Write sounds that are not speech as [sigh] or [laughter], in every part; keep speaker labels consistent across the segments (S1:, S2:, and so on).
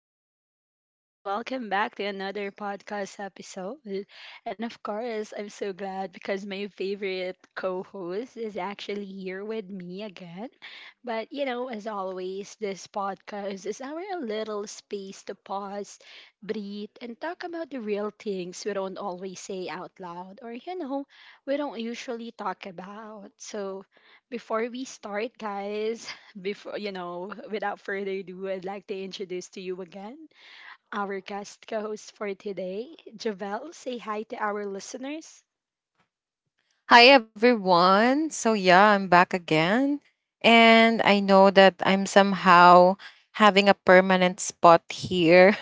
S1: beautiful people, and welcome back to another podcast episode. And of course, I'm so glad because my favorite co host is actually here with me again. But, as always, this podcast is our little space to pause, breathe, and talk about the real things we don't always say out loud, we don't usually talk about. So, before we start, guys, [laughs] Before, without further ado, I'd like to introduce to you again our guest co host for today, Javel. Say hi to our listeners.
S2: Hi everyone. So yeah, I'm back again. And I know that I'm somehow having a permanent spot here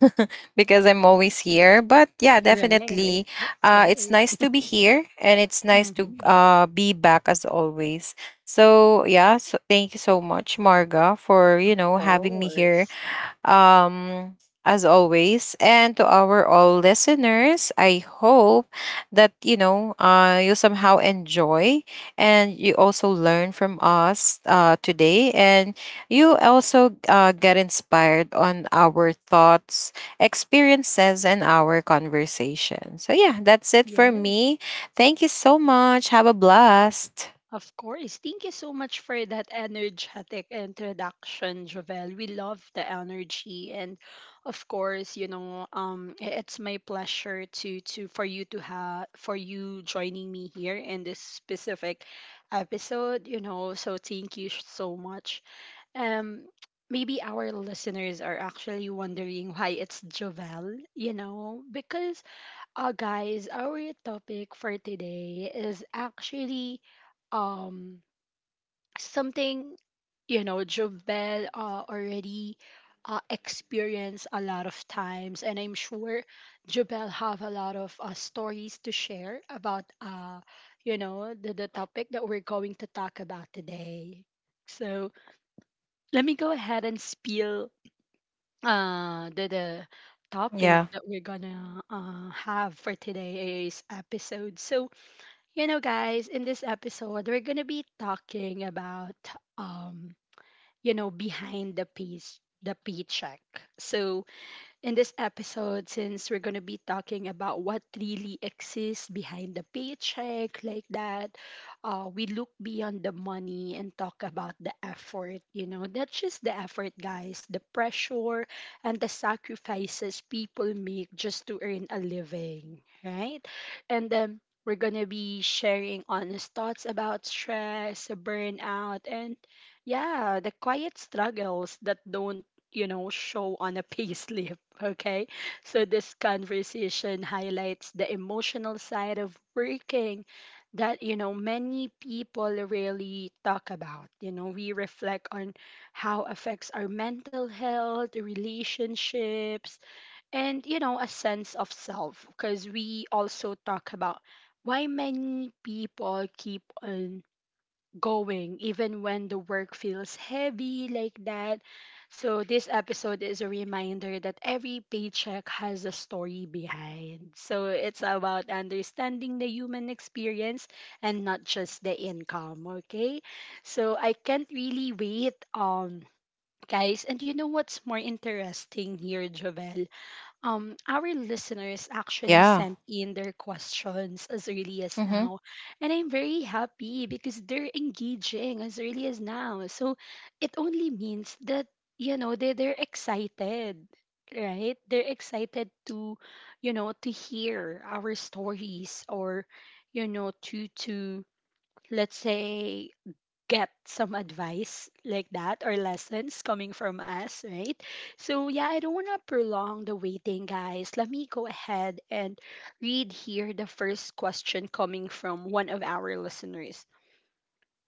S2: [laughs] because I'm always here. But yeah,
S1: Right,
S2: definitely
S1: that's
S2: it's
S1: right.
S2: nice to be here and it's nice to
S1: Hmm. Of
S2: be back as always. So yeah, so thank you so much Marga for, you know, having me here
S1: course.
S2: um, as always. And to our all listeners, I hope that, you somehow enjoy and you also learn from us today. And you also get inspired on our thoughts, experiences, and our conversation. So, yeah, that's it for
S1: Yes.
S2: me. Thank you so much. Have a blast.
S1: Of course. Thank you so much for that energetic introduction, Jovel. We love the energy and of course, it's my pleasure to for you joining me here in this specific episode. So thank you so much. Um Maybe our listeners are actually wondering why it's Jovel, because guys, our topic for today is actually um something Jovel already experienced a lot of times, and I'm sure Jovel have a lot of stories to share about the topic that we're going to talk about today. So let me go ahead and spill the
S2: Yeah.
S1: topic that we're gonna have for today's episode. So, guys, in this episode, we're gonna be talking about um, behind the paycheck. So, in this episode, since we're going to be talking about what really exists behind the paycheck, like that, we look beyond the money and talk about the effort. That's just the effort, guys, the pressure and the sacrifices people make just to earn a living, right? And then we're going to be sharing honest thoughts about stress, burnout, and yeah, the quiet struggles that don't show on a [laughs] payslip. Okay, so this conversation highlights the emotional side of working that, many people really talk about. We reflect on how affects our mental health, relationships, and, a sense of self because we also talk about why many people keep on going even when the work feels heavy like that. So this episode is a reminder that every paycheck has a story behind. So it's about understanding the human experience and not just the income, okay? So I can't really wait guys, and you know what's more interesting here, Jovel? Our listeners actually
S2: Yeah.
S1: sent in their questions as early as
S2: Mm-hmm.
S1: now. And I'm very happy because they're engaging as early as now. So it only means that, they're excited, right? They're excited to hear our stories you know, to, to, let's say, get some advice like that or lessons coming from us, right? So, yeah, I don't want to prolong the waiting, guys. Let me go ahead and read here the first question coming from one of our listeners.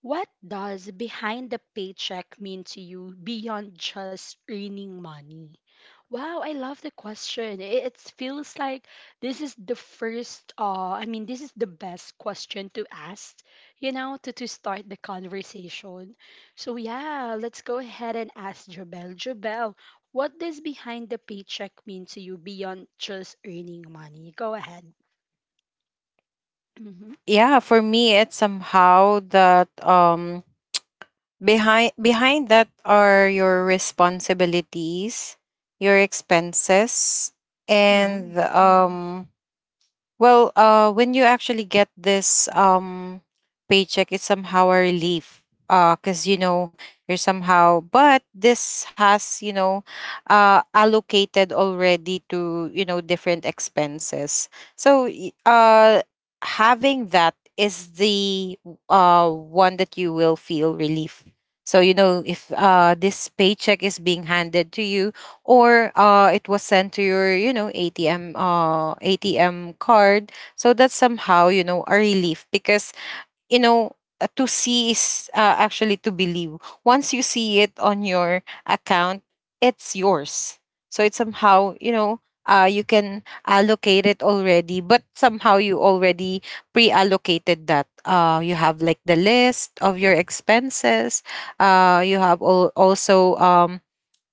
S1: What does behind the paycheck mean to you beyond just earning money? Wow, I love the question. It feels like this is I mean, this is the best question to ask, to start the conversation. So, yeah, let's go ahead and ask Jobel. Jobel, what does behind the paycheck mean to you beyond just earning money? Go ahead. Hmm.
S2: Yeah, for me, it's somehow that behind that are your responsibilities, your expenses,
S1: Right.
S2: and
S1: Hmm.
S2: well, when you actually get this paycheck, it's somehow a relief. Cause you know you're somehow, but this has, you know, allocated already to, you know, different expenses. So, having that is the one that you will feel relief. So you know if this paycheck is being handed to you or it was sent to your, you know, ATM ATM card. So that's somehow, you know, a relief because you know, to see is actually to believe. Once you see it on your account, it's yours. So it's somehow you know. You can allocate it already, but somehow you already pre-allocated that. You have like the list of your expenses. Uh, you have al- also um,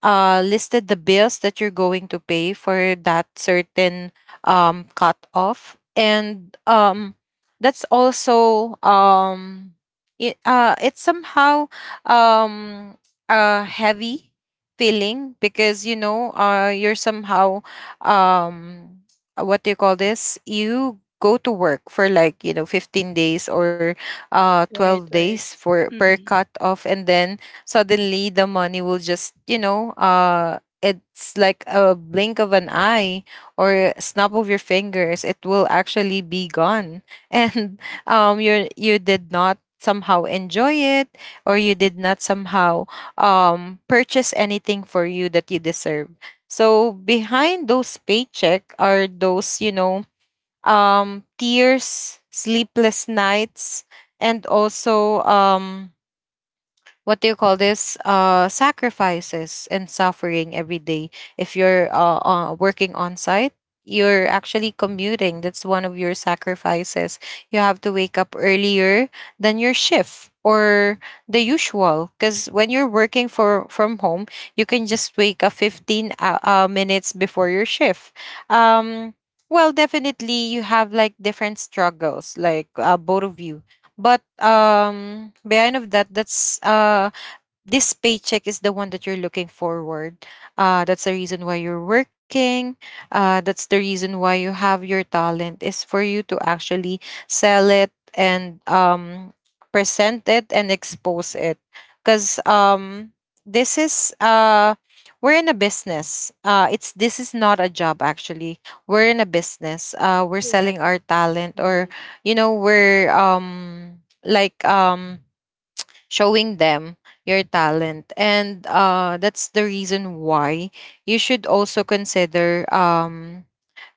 S2: uh, listed the bills that you're going to pay for that certain cutoff. And that's also, it's somehow um, a heavy feeling because, you know, you're somehow, um, what do you call this? You go to work for like, you know, 15 days or
S1: Right,
S2: 12
S1: right.
S2: days for per
S1: Hmm.
S2: cut off. And then suddenly the money will just, you know, it's like a blink of an eye or a snap of your fingers, it will actually be gone [laughs] and you did not somehow enjoy it or you did not somehow purchase anything for you that you deserve. So behind those paycheck are those, you know, tears, sleepless nights, and also what do you call this, sacrifices and suffering every day. If you're working on site, you're actually commuting. That's one of your sacrifices. You have to wake up earlier than your shift or the usual, because when you're working for from home you can just wake up 15 minutes before your shift. um well, definitely you have like different struggles like, both of you. But behind of that, that's this paycheck is the one that you're looking forward. That's the reason why you're working. That's the reason why you have your talent, is for you to actually sell it and present it and expose it. Because this is we're in a business. It's This is not a job actually. We're in a business. We're selling
S1: Correct.
S2: our talent, or
S1: Mhm.
S2: you know, we're showing them your talent. And that's the reason why you should also consider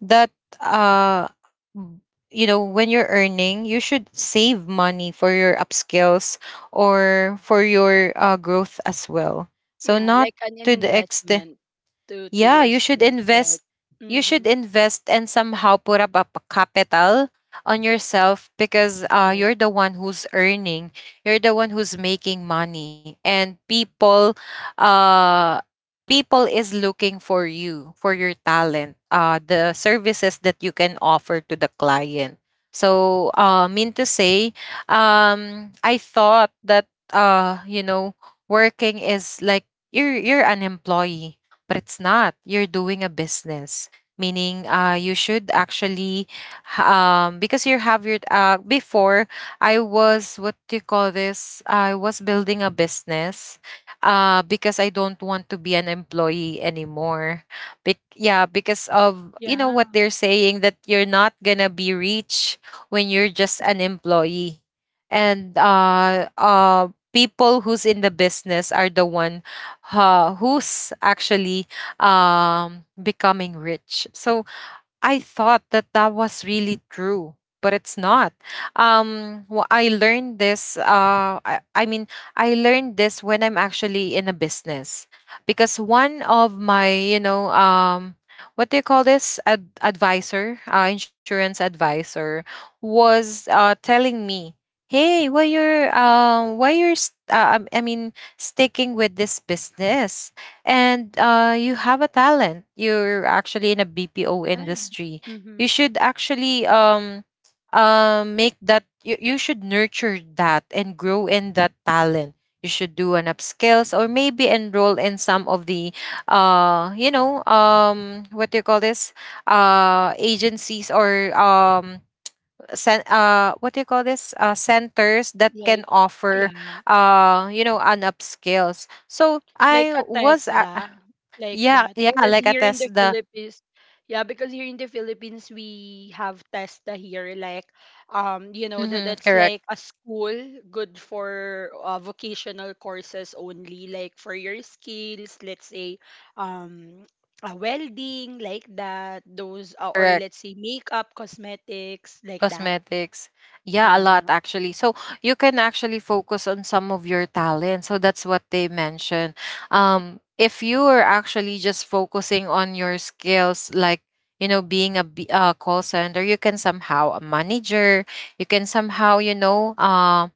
S2: that uh m- you know, when you're earning you should save money for your upskills or for your growth as well, so
S1: Yeah,
S2: not
S1: like an,
S2: to
S1: an
S2: the extent.
S1: investment to
S2: Yeah,
S1: your
S2: you should
S1: skills,
S2: invest.
S1: right?
S2: You should
S1: Mm-hmm.
S2: invest and somehow put up a capital on yourself, because
S1: Right.
S2: you're the one who's earning. You're the one who's making money, and uh, people is looking for you for your talent, the services that you can offer to the client. So, mean to say, I thought that, you know, working is like you're an employee, but it's not. You're doing a business, meaning you should actually, because you have your, before I was, what do you call this, I was building a business because I don't want to be an employee anymore. Bec Yeah, because of, you know, what
S1: Yeah.
S2: they're saying that you're not gonna be rich when you're just an employee. And people who's in the business are the one who's actually becoming rich. So I thought that that was really true, but it's not. I learned this. I mean, I learned this when I'm actually in a business, because one of my, you know, what do you call this, advisor, insurance advisor, was telling me, "Hey, why you're, I mean, sticking with this business? And you have a talent. You're actually in a BPO
S1: Right.
S2: industry. You
S1: Mm-hmm.
S2: should actually make that you should nurture that and grow in that talent. You should do an upskills or maybe enroll in some of the what do you call this, agencies or what do you call this, centers that
S1: Like
S2: can
S1: yeah.
S2: offer you know, an upskills." So
S1: Like
S2: I
S1: a
S2: was
S1: TESDA, like
S2: yeah,
S1: that.
S2: yeah,
S1: Because
S2: like
S1: here in the
S2: attest the. Tesla.
S1: Philippines, Yeah, because here in the Philippines we have TESDA here, like you know that
S2: Mhm,
S1: that's
S2: correct,
S1: like a school good for vocational courses only, like for your skills, let's say. um. Welding like that, those or
S2: correct.
S1: let's say makeup cosmetics like that.
S2: Cosmetics, yeah, a lot
S1: Yeah.
S2: actually. So you can actually focus on some of your talent. So that's what they mentioned. If you are actually just focusing on your skills, like you know, being a call center, you can somehow a manager, you can somehow, you know,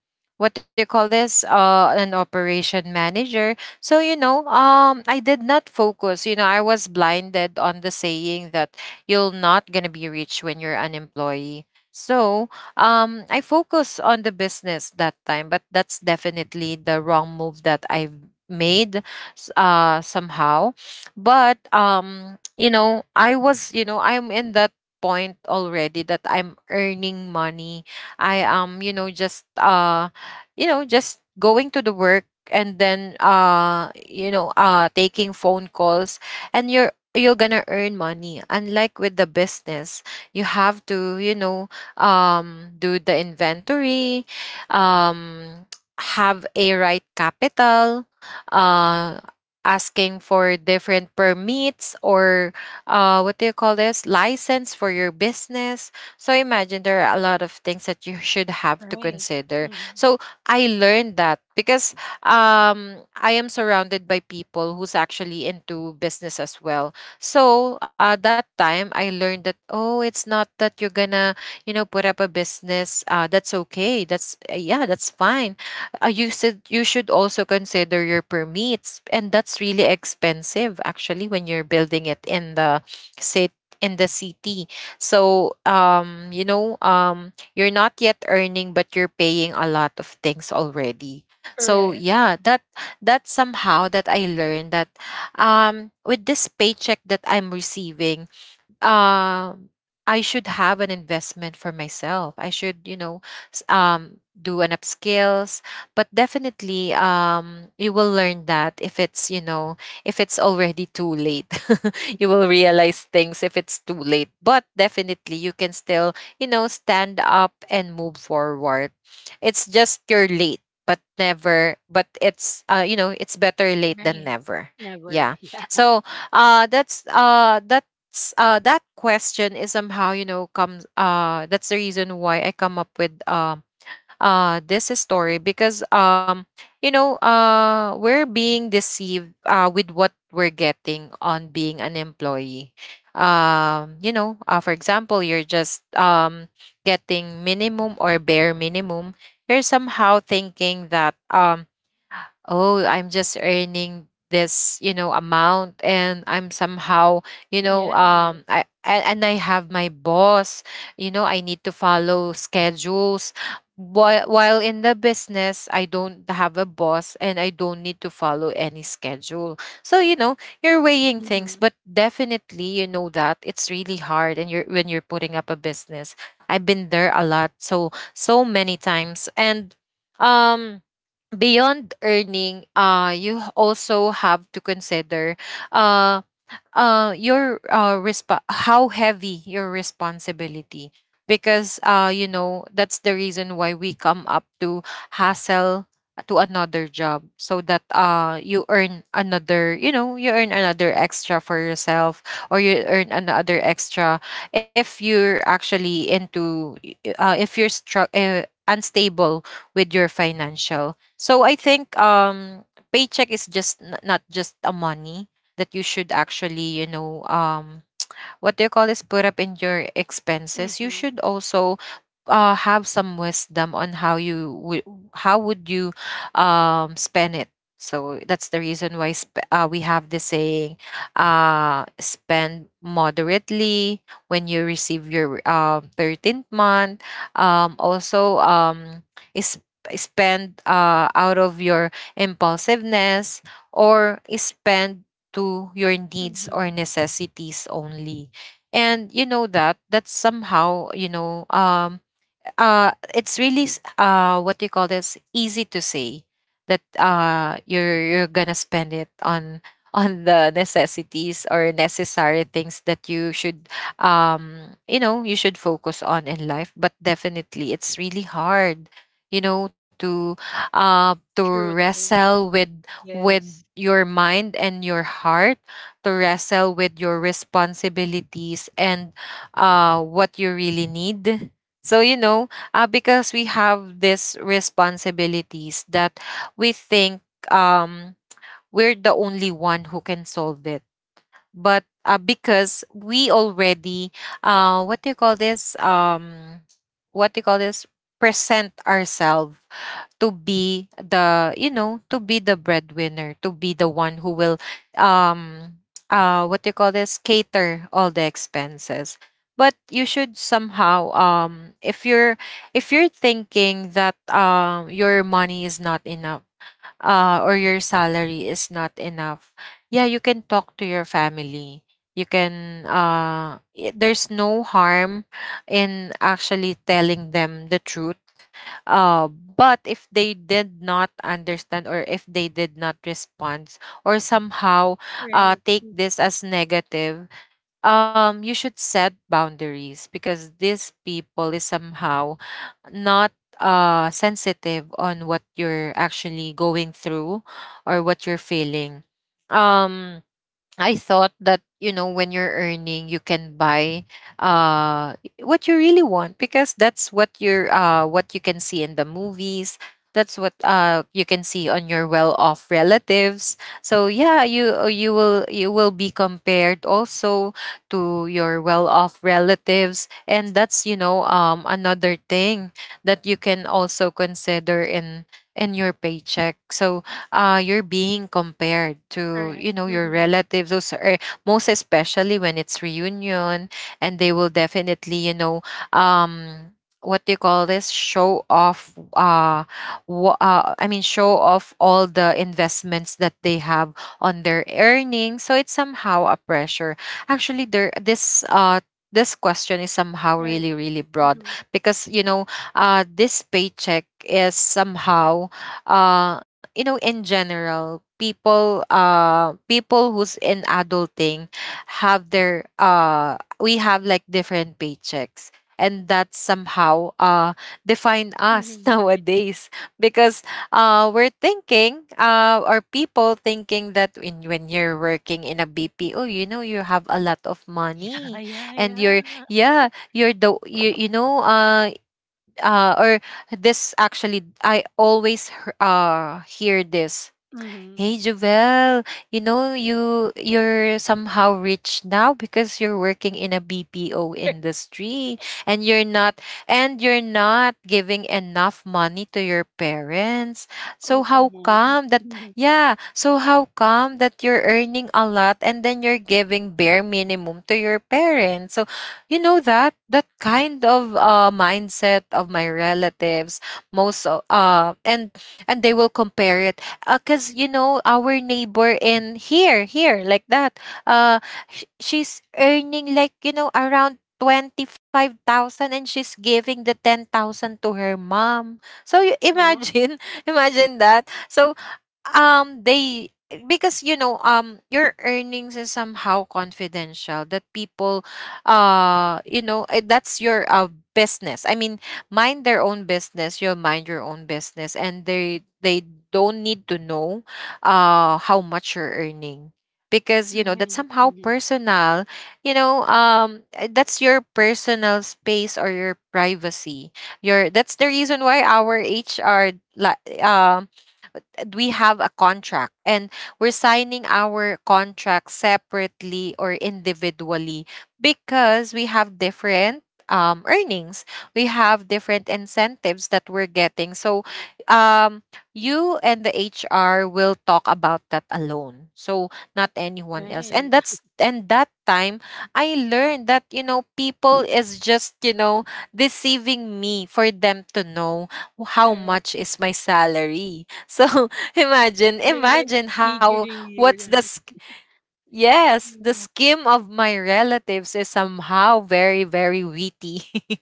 S2: what do you call this an operation manager. So you know, I did not focus, you know, I was blinded on the saying that you're not gonna be rich when you're an employee. So I focus on the business that time, but that's definitely the wrong move that I've made, somehow. But you know, I was, you know, I'm in that point already that I'm earning money. I am, you know, just going to the work and then, you know, taking phone calls, and you're gonna earn money, unlike with the business. You have to, you know, do the inventory, um, have a right capital, uh, asking for different permits or what do you call this, license for your business. So imagine there are a lot of things that you should have to
S1: Right.
S2: consider.
S1: Mhm.
S2: So I learned that, because I am surrounded by people who's actually into business as well. So that time I learned that, oh, it's not that you're gonna, you know, put up a business, that's okay, that's yeah, that's fine. Uh, you should, you should also consider your permits, and that's really expensive actually when you're building it in the city in the city. So you're not yet earning but you're paying a lot of things already. So
S1: Correct.
S2: yeah, that, somehow that I learned. That with this paycheck that I'm receiving, um I should have an investment for myself. I should, you know, do an upskills. But definitely you will learn that if it's, you know, if it's already too late. [laughs] You will realize things if it's too late. But definitely, you can still, you know, stand up and move forward. It's just you're late, but never, but it's, you know, it's better late than
S1: Right.
S2: never.
S1: Never.
S2: Yeah.
S1: [laughs]
S2: So, that question is somehow, you know, comes that's the reason why I come up with this story, because you know, we're being deceived with what we're getting on being an employee. You know, for example, you're just getting minimum or bare minimum, you're somehow thinking that, oh, I'm just earning this, you know, amount, and I'm somehow, you know,
S1: Yeah. Yes.
S2: and I have my boss, you know, I need to follow schedules. While in the business, I don't have a boss and I don't need to follow any schedule. So, you know, you're weighing things,
S1: Mm-hmm.
S2: but definitely you know that it's really hard, and you're when you're putting up a business. I've been there a lot, so so many times. And um beyond earning, you also have to consider uh your, how heavy your responsibility, because you know that's the reason why we come up to hassle to another job, so that you earn another, you know, you earn another extra for yourself, or you earn another extra if you're actually into, if you're unstable with your financial. So I think paycheck is just n- not just a money that you should actually, you know, what do you call this, put up in your expenses. You
S1: Mm-hmm.
S2: should also have some wisdom on how you would, how would you spend it. So that's the reason why we have the saying, spend moderately when you receive your 13th month. Also, is spend out of your impulsiveness or spend to your needs or
S1: Mm-hmm.
S2: necessities only. And you know that that's somehow, it's really what do you call this, easy to say that you're gonna spend it on [laughs] on the necessities or necessary things that you should you should focus on in life. But definitely it's really hard, you know, to
S1: True, true.
S2: wrestle with
S1: Yes.
S2: your mind and your heart, to wrestle with your responsibilities and what you really need. So you know, because we have these responsibilities that we think, um, we're the only one who can solve it. But because we already, what do you call this? What do you call this? Present ourselves to be the, you know, to be the breadwinner, to be the one who will um what do you call this, cater all the expenses. But you should somehow, if you're, if you're thinking that your money is not enough, or your salary is not enough, yeah, you can talk to your family. You can there's no harm in actually telling them the truth. But if they did not understand, or if they did not respond, or somehow
S1: Right.
S2: take
S1: Hmm.
S2: this as negative, you should set boundaries because these people is somehow not sensitive on what you're actually going through or what you're feeling. Um, I thought that, you know, when you're earning you can buy uh what you really want, because that's what you're what you can see in the movies, that's what you can see on your well-off relatives. So yeah, you will be compared also to your well-off relatives, and that's, you know, another thing that you can also consider in your paycheck. So you're being compared to,
S1: Correct.
S2: you know, your
S1: Mm-hmm.
S2: relatives. Those are most especially when it's reunion, and they will definitely, you know, um what do you call this, show off, I mean show off all the investments that they have on their earnings. So it's somehow a pressure. Actually, there this this question is somehow
S1: Right.
S2: really, really broad,
S1: Mm-hmm.
S2: because you know, this paycheck is somehow, you know, in general, people who's in adulting have their we have like different paychecks, and that somehow define us [laughs]
S1: Mm-hmm. Right.
S2: nowadays, because we're thinking or people thinking that when you're working in a BPO, you know, you have a lot of
S1: [laughs]
S2: money.
S1: Yeah, yeah,
S2: And
S1: yeah.
S2: you're the, you know, or this actually I always hear this,
S1: Mm-hmm.
S2: "Hey Jovel, you know, you're somehow rich now because you're working in a BPO
S1: [laughs]
S2: industry, and you're not giving enough money to your parents. So
S1: Oh,
S2: how
S1: come on.
S2: come that,
S1: Mm-hmm.
S2: yeah, so how come that you're earning a lot and then you're giving bare minimum to your parents?" So you know that that kind of mindset of my relatives, most o- uh and and they will compare it because, you know, our neighbor in here, like that, uh she's earning like, you know, around 25,000, and she's giving the 10,000 to her mom. So you
S1: Well,
S2: imagine, [laughs] imagine that. So they because you know, your earnings is somehow confidential. That people you know, that's your business. I mean, mind their own business, you'll mind your own business, and they don't need to know how much you're earning, because you
S1: right.
S2: know that's somehow
S1: Mm-hmm.
S2: personal. You know, that's your personal space or your privacy. Your That's the reason why our HR, like we have a contract, and we're signing our contract separately or individually, because we have different earnings, we have different incentives that we're getting. So um, you and the HR will talk about that alone, so not anyone else.
S1: Right.
S2: And
S1: [laughs]
S2: that time I learned that, you know, people is just, you know, deceiving me for them to know how much
S1: Correct.
S2: is my salary. So [laughs] imagine,
S1: They're like
S2: imagine how,
S1: triggering you,
S2: what's the
S1: right?
S2: sk- yes, the
S1: Yeah.
S2: scheme of my relatives is somehow very, very witty, [laughs]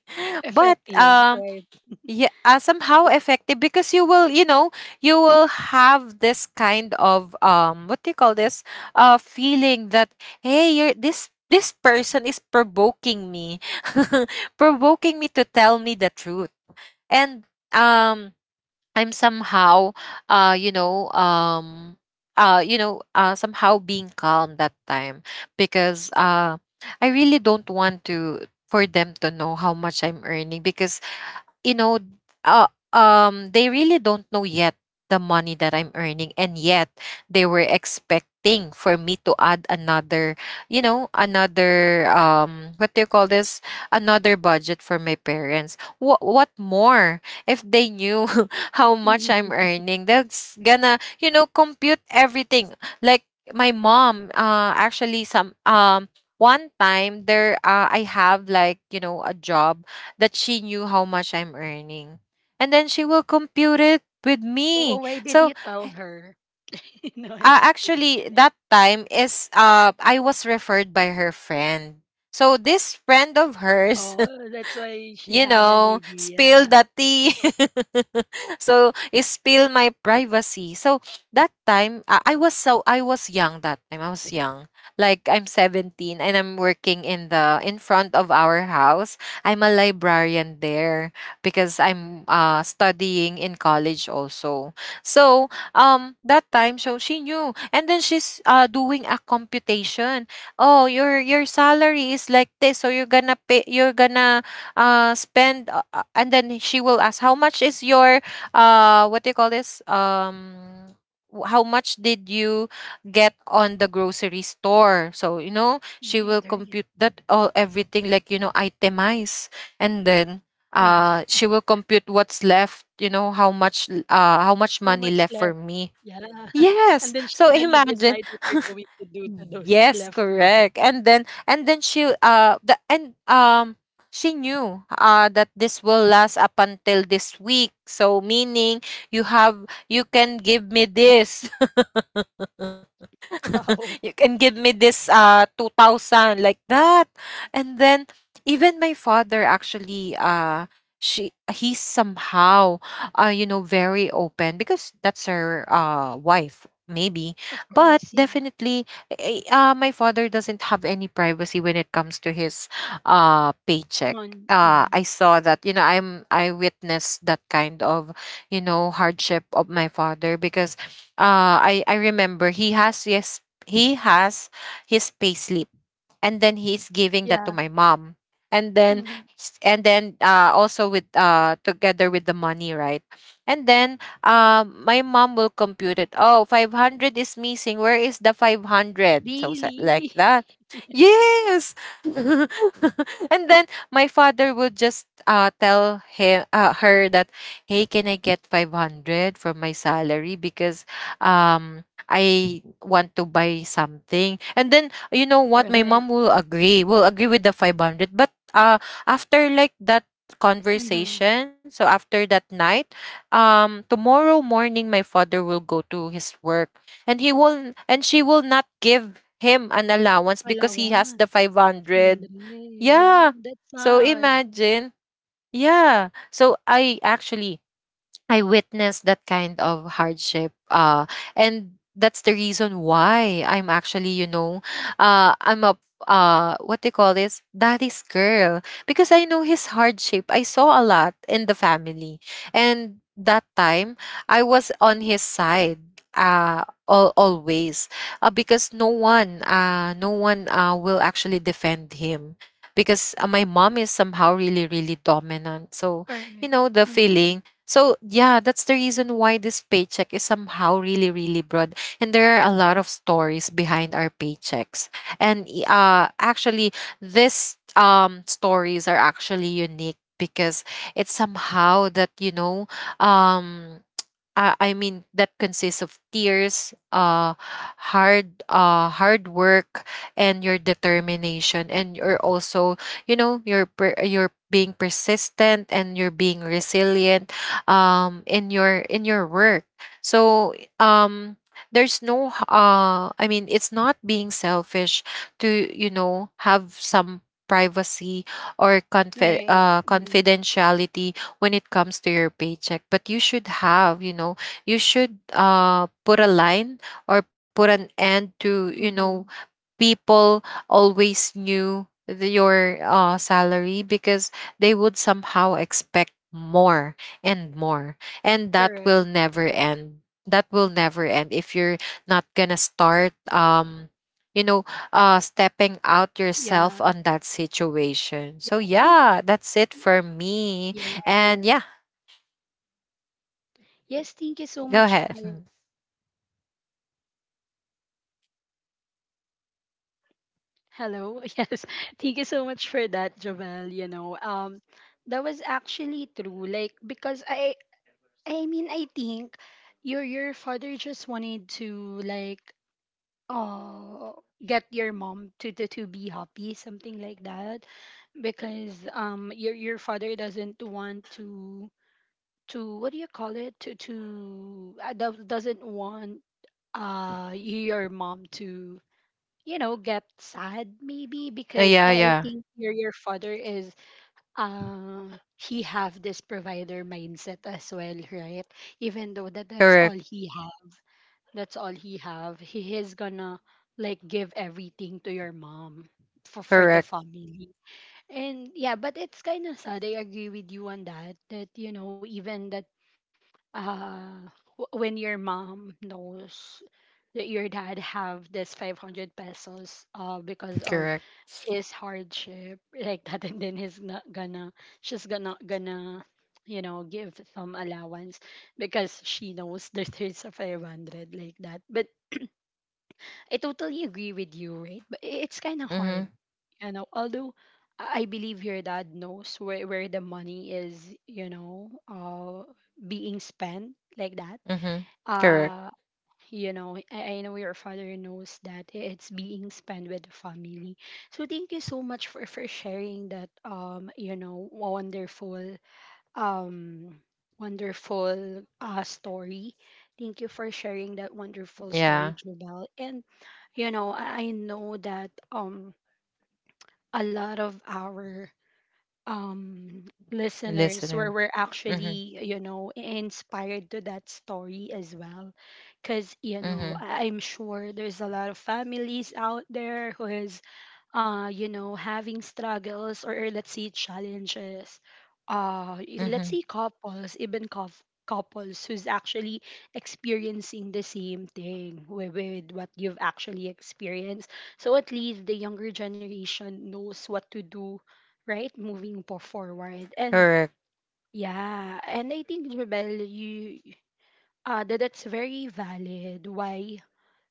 S2: but
S1: Effective, right?
S2: yeah, somehow effective, because you will, you know, you will have this kind of what do you call this, feeling that, hey, you're this this person is provoking me, [laughs] provoking me to tell me the truth. And um I'm somehow, uh, you know, um, somehow being calm that time, because I really don't want to, for them to know how much I'm earning, because you know, uh, they really don't know yet the money that I'm earning, and yet they were expecting for me to add another, you know, another what do you call this? Another budget for my parents. What more? If they knew [laughs] how much I'm
S1: Mm-hmm.
S2: earning, that's gonna, you know, compute everything. Like my mom, actually, some. One time there, I have like, you know, a job that she knew how much I'm earning. And then she will compute it with
S1: Oh,
S2: me.
S1: why did you
S2: So
S1: tell her? [laughs] No, I'm just kidding.
S2: actually that time is I was referred by her friend. So this friend of hers,
S1: Oh, that's why she
S2: you
S1: have an
S2: know, spill
S1: idea.
S2: the tea. [laughs] So it spill my privacy. So that time I was, so I was young that time. I was young. Like I'm 17 and I'm working in the, in front of our house. I'm a librarian there because I'm studying in college also. So that time, so she knew, and then she's doing a computation. Oh, your salary is like this, so you're gonna spend and then she will ask, how much is your what do you call this, how much did you get on the grocery store? So you know, she
S1: Right,
S2: will
S1: right.
S2: compute that all everything, like you know, itemize, and then
S1: Wow.
S2: she will compute what's left, you know, how much how much
S1: How
S2: money
S1: much
S2: left
S1: left?
S2: for me.
S1: Yeah. [laughs] And
S2: Yes,
S1: then she's
S2: so
S1: gonna
S2: imagine.
S1: decide what you're
S2: [laughs]
S1: going to do to those
S2: Yes,
S1: left money.
S2: correct. And then, and then she the and she knew that this will last up until this week. So meaning, you can give me this,
S1: [laughs] Wow.
S2: you can give me this 2000, like that. And then even my father actually, she he's somehow you know, very open, because that's her wife, maybe.
S1: Of
S2: But
S1: course, yeah.
S2: definitely my father doesn't have any privacy when it comes to his paycheck.
S1: Mon, yeah.
S2: I saw that, you know, I witnessed that kind of, you know, hardship of my father, because I remember he has, yes, he has his payslip, and then he's giving that to
S1: Yeah.
S2: my mom. And then
S1: Hmm.
S2: also with together with the money, right? And then my mom will compute it, oh, 500 is missing, where is the 500, so like
S1: Really? [laughs]
S2: that. Yes. [laughs] And then my father would just tell him her that, hey, can I get 500 from my salary? Because um I want to buy something. And then you know what, my
S1: Right.
S2: mom will agree with the 500, but after like that
S1: Mm-hmm.
S2: conversation, so after that night, tomorrow morning my father will go to his work, and he will and she will not give him an allowance because he has the
S1: Allowance.
S2: 500.
S1: Funded. Yeah.
S2: Yeah,
S1: That's
S2: so
S1: sad.
S2: imagine. Yeah, so I witnessed that kind of hardship. And that's the reason why I'm actually, you know, I'm a what do you call this, daddy's girl, because I know his hardship. I saw a lot in the family, and that time I was on his side, always, because no one will actually defend him, because my mom is somehow really, really dominant, so you
S1: Correct.
S2: know the
S1: Mm-hmm.
S2: feeling. So yeah, that's the reason why this paycheck is somehow really, really broad. And there are a lot of stories behind our paychecks. And actually this stories are actually unique, because it's somehow that, you know, um I mean that consists of tears, hard work, and your determination, and you're also, you know, you're being persistent and you're being resilient in your, in your work. So um, there's no h- I mean, it's not being selfish to have some privacy or
S1: Right. Mm-hmm.
S2: confidentiality when it comes to your paycheck. But you should have you know you should put a line or put an end to
S1: Mm-hmm.
S2: people always knew your salary, because they would somehow expect more and more, and that
S1: Correct.
S2: will never end. That will never end if you're not gonna start you know stepping out yourself
S1: Yeah.
S2: on that situation.
S1: Yeah,
S2: So
S1: I think,
S2: yeah, that's it
S1: y-
S2: for me. And
S1: yes.
S2: yeah.
S1: Yes. Thank you so
S2: Go
S1: much.
S2: ahead. Mm.
S1: Hello. [laughs] Yes. Thank you so much for that, Javel. That was actually true. Like because I mean, I think your father just wanted to like, oh, get your mom to be happy, something like that, because your father doesn't want to what do you call it to do- doesn't want your mom to get sad, maybe because
S2: Yeah,
S1: I
S2: yeah.
S1: think your father is uh he have this provider mindset as well, right? Even though that that's all
S2: Correct,
S1: he have, that's all he have. He is gonna like give everything to your mom for the
S2: correct,
S1: family. And yeah, but it's kind of sad. I agree with you on that. That, even uh when your mom knows that your dad have this 500 pesos because of
S2: correct.
S1: his hardship [laughs] like that, and then he's not gonna she's gonna give some allowance because she knows [laughs] that there's a 500 like that, but I totally agree with you, right, but it's kind of hard,
S2: Mhm,
S1: although I believe your dad knows where the money is, you know uh being spent like that.
S2: mhm. Correct.
S1: uh I know your father knows that it's being spent with the family, so thank you so much for sharing that, wonderful, um story. Thank you for sharing that wonderful
S2: Yeah,
S1: story, Jubal. And I know that a lot of our um listeners
S2: listener.
S1: where we're
S2: Mhm,
S1: actually inspired to that story as well, because
S2: mhm,
S1: I'm sure there's a lot of families out there who is having struggles, or let's say challenges,
S2: mhm.
S1: let's say couples, even couples who's actually experiencing the same thing with, what you've actually experienced, so at least the younger generation knows what to do, right? Moving po forward. And
S2: Correct.
S1: yeah, and I think Jebel, you that that's very valid why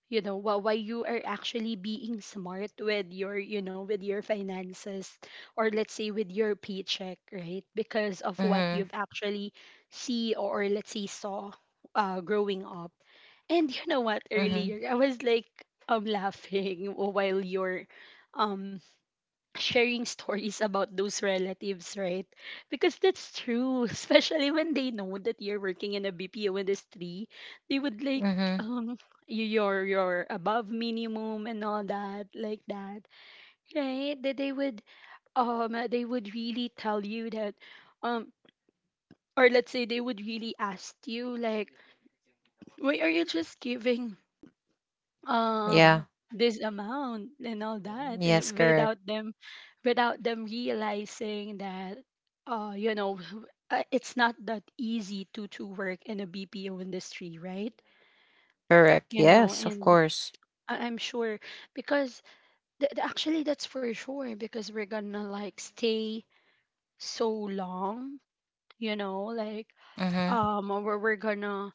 S1: why you are actually being smart with you know with your finances, or let's say with your paycheck, right, because of what
S2: Mhm,
S1: you've actually see, or let's say saw growing up. And you know what,
S2: mhm,
S1: earlier I was like laughing [laughs] while you're um sharing [laughs] stories about those relatives, right? Because that's true, [laughs] especially when they know that you're working in a BPO industry, they would like
S2: mhm.
S1: um you your above minimum and all that, like that, right? That they would really tell you that, um or let's say they would really ask you, like, why are you just giving uh
S2: Yeah.
S1: this amount and all that,
S2: Yes,
S1: and
S2: correct,
S1: without them, realizing that, uh you know [laughs] it's not that easy to work in a BPO industry, right?
S2: correct. Yes, of
S1: And
S2: course.
S1: I'm sure, because actually that's for sure because we're gonna like stay so long, you know like
S2: Mhm,
S1: or we're gonna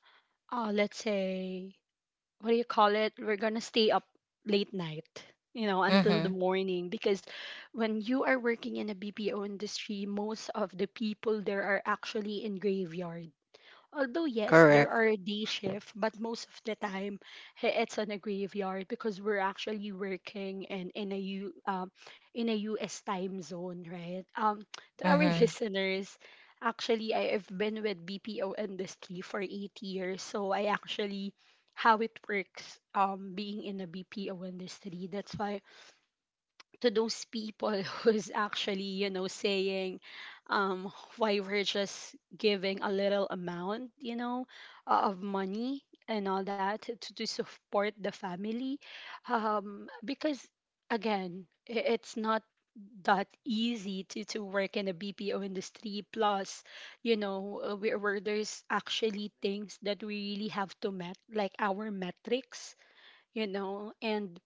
S1: let's say, what do you call it? We're gonna stay up late night, until the
S2: mhm.
S1: morning. Because when you are working in a BPO industry, most of the people there are actually in graveyard. Although yes, there
S2: Correct.
S1: are day shift, but most of the time it's on a graveyard because we're actually working in a US time zone, right? To our
S2: Mhm.
S1: [laughs] listeners, actually I've been with BPO industry for 8 years, so I actually how it works being in a BPO industry. That's why to those people [laughs] who's actually saying um why we're just giving a little amount, of money and all that to support the family, because again it's not that easy to work in the BPO industry, plus where there's actually things that we really have to met, like our metrics, and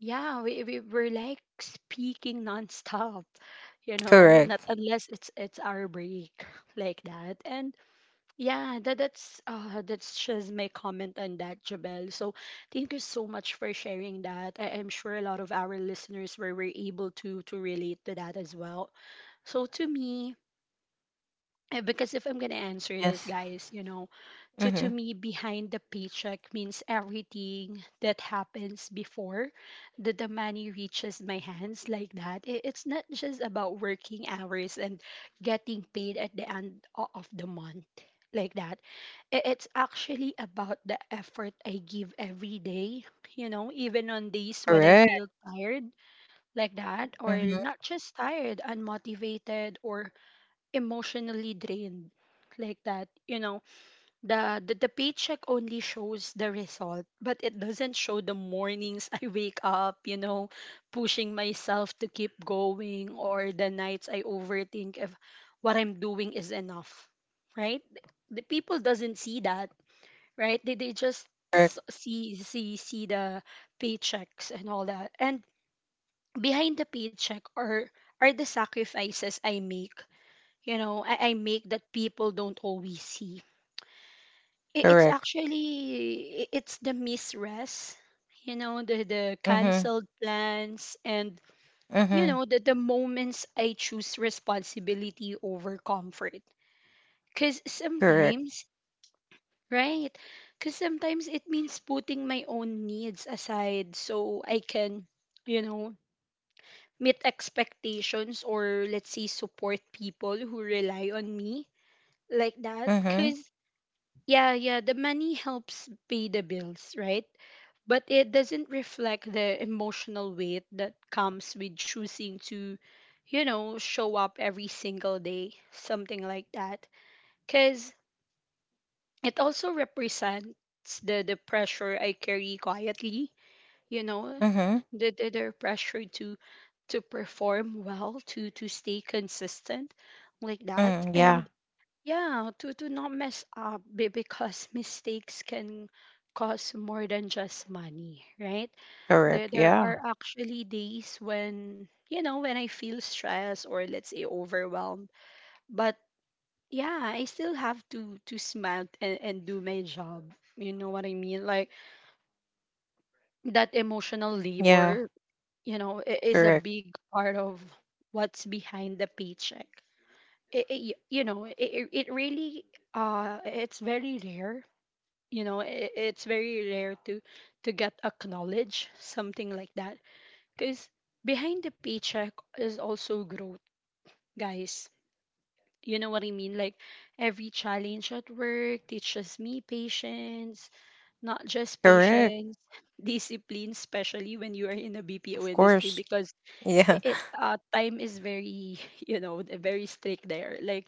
S1: yeah, we're like speaking nonstop, not
S2: Correct.
S1: unless it's our break [laughs] like that. And yeah, that's just my comment on that, Jabel. So thank you so much for sharing that. I'm sure a lot of our listeners were able to relate to that as well. So to me, because if I'm gonna answer
S2: Yes.
S1: this, guys, you know, to
S2: Mhm.
S1: to me, behind the paycheck means everything that happens before the money reaches my hands like that. It's not just about working hours and getting paid at the end of the month like that. It's actually about the effort I give every day, you know, even on days when
S2: Correct.
S1: I feel tired like that,
S2: Mhm.
S1: or not just tired, unmotivated or emotionally drained like that, you know, the paycheck only shows the result, but it doesn't show the mornings [laughs] I wake up, you know, pushing myself to keep going, or the nights I overthink if what I'm doing is enough, right? The people doesn't see that, right? They just
S2: Correct.
S1: see the paychecks and all that. And behind the paycheck are the sacrifices I make, you know, I make, that people don't always see. It's
S2: Correct.
S1: actually it's the misrest, you know, the
S2: Mhm.
S1: canceled plans, and
S2: Mhm.
S1: you know, the moments I choose responsibility over comfort. Cause
S2: Correct.
S1: sometimes, right? Cause sometimes it means putting my own needs aside so I can, you know, meet expectations, or let's say support people who rely on me like that.
S2: Mhm.
S1: Cause yeah, yeah, the money helps pay the bills, right? But it doesn't reflect the emotional weight that comes with choosing to, you know, show up every single day, something like that. Because it also represents the pressure I carry quietly, you know,
S2: Mhm.
S1: the pressure to perform well, to stay consistent like that.
S2: Mhm. Yeah.
S1: And yeah, to not mess up because mistakes can cost more than just money, right? There
S2: Correct.
S1: there
S2: Yeah.
S1: are actually days when, you know, when I feel stressed or let's say overwhelmed, but yeah, I still have to smile and do my job. You know what I mean? Like that emotional
S2: Yeah.
S1: labor, you know, is
S2: Correct.
S1: a big part of what's behind the paycheck. It really it's very rare, you know, I it's very rare to get acknowledged, something like that, because behind the paycheck is also growth, guys, you know what I mean? Like every challenge at work teaches me patience, not just
S2: Correct.
S1: patience, [laughs] discipline, especially when you are in the
S2: Of
S1: BPO industry,
S2: course.
S1: because I-
S2: Yeah.
S1: it time is very [laughs] you know, very strict there. Like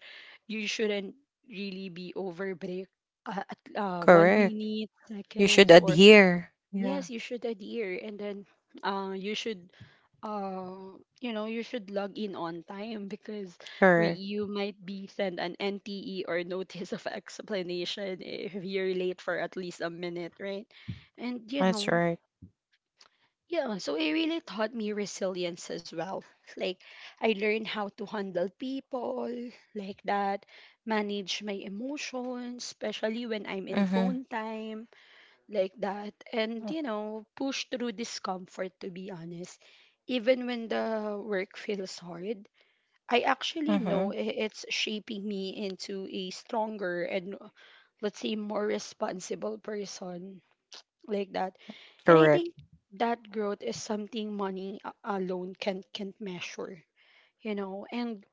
S1: you shouldn't really be over break at
S2: [laughs]
S1: one
S2: Correct.
S1: minute
S2: You should
S1: seconds or
S2: adhere. Yeah.
S1: yes, you should adhere. And then you should, you know, you should log in on time, because
S2: Correct.
S1: you might be sent an NTE or notice of [laughs] explanation if you're late for at least a minute, right? And you
S2: That's
S1: know,
S2: right.
S1: yeah, so it really taught me resilience as well. Like, I learned how to handle people like that, manage my emotions, especially when I'm in
S2: Mhm.
S1: phone time like that, and you know, push through discomfort, to be honest. Even when the work feels hard, I actually
S2: Mhm.
S1: know it's shaping me into a stronger and, let's say, more responsible person like that. And I
S2: Correct.
S1: think that growth is something money alone can't measure, you know. And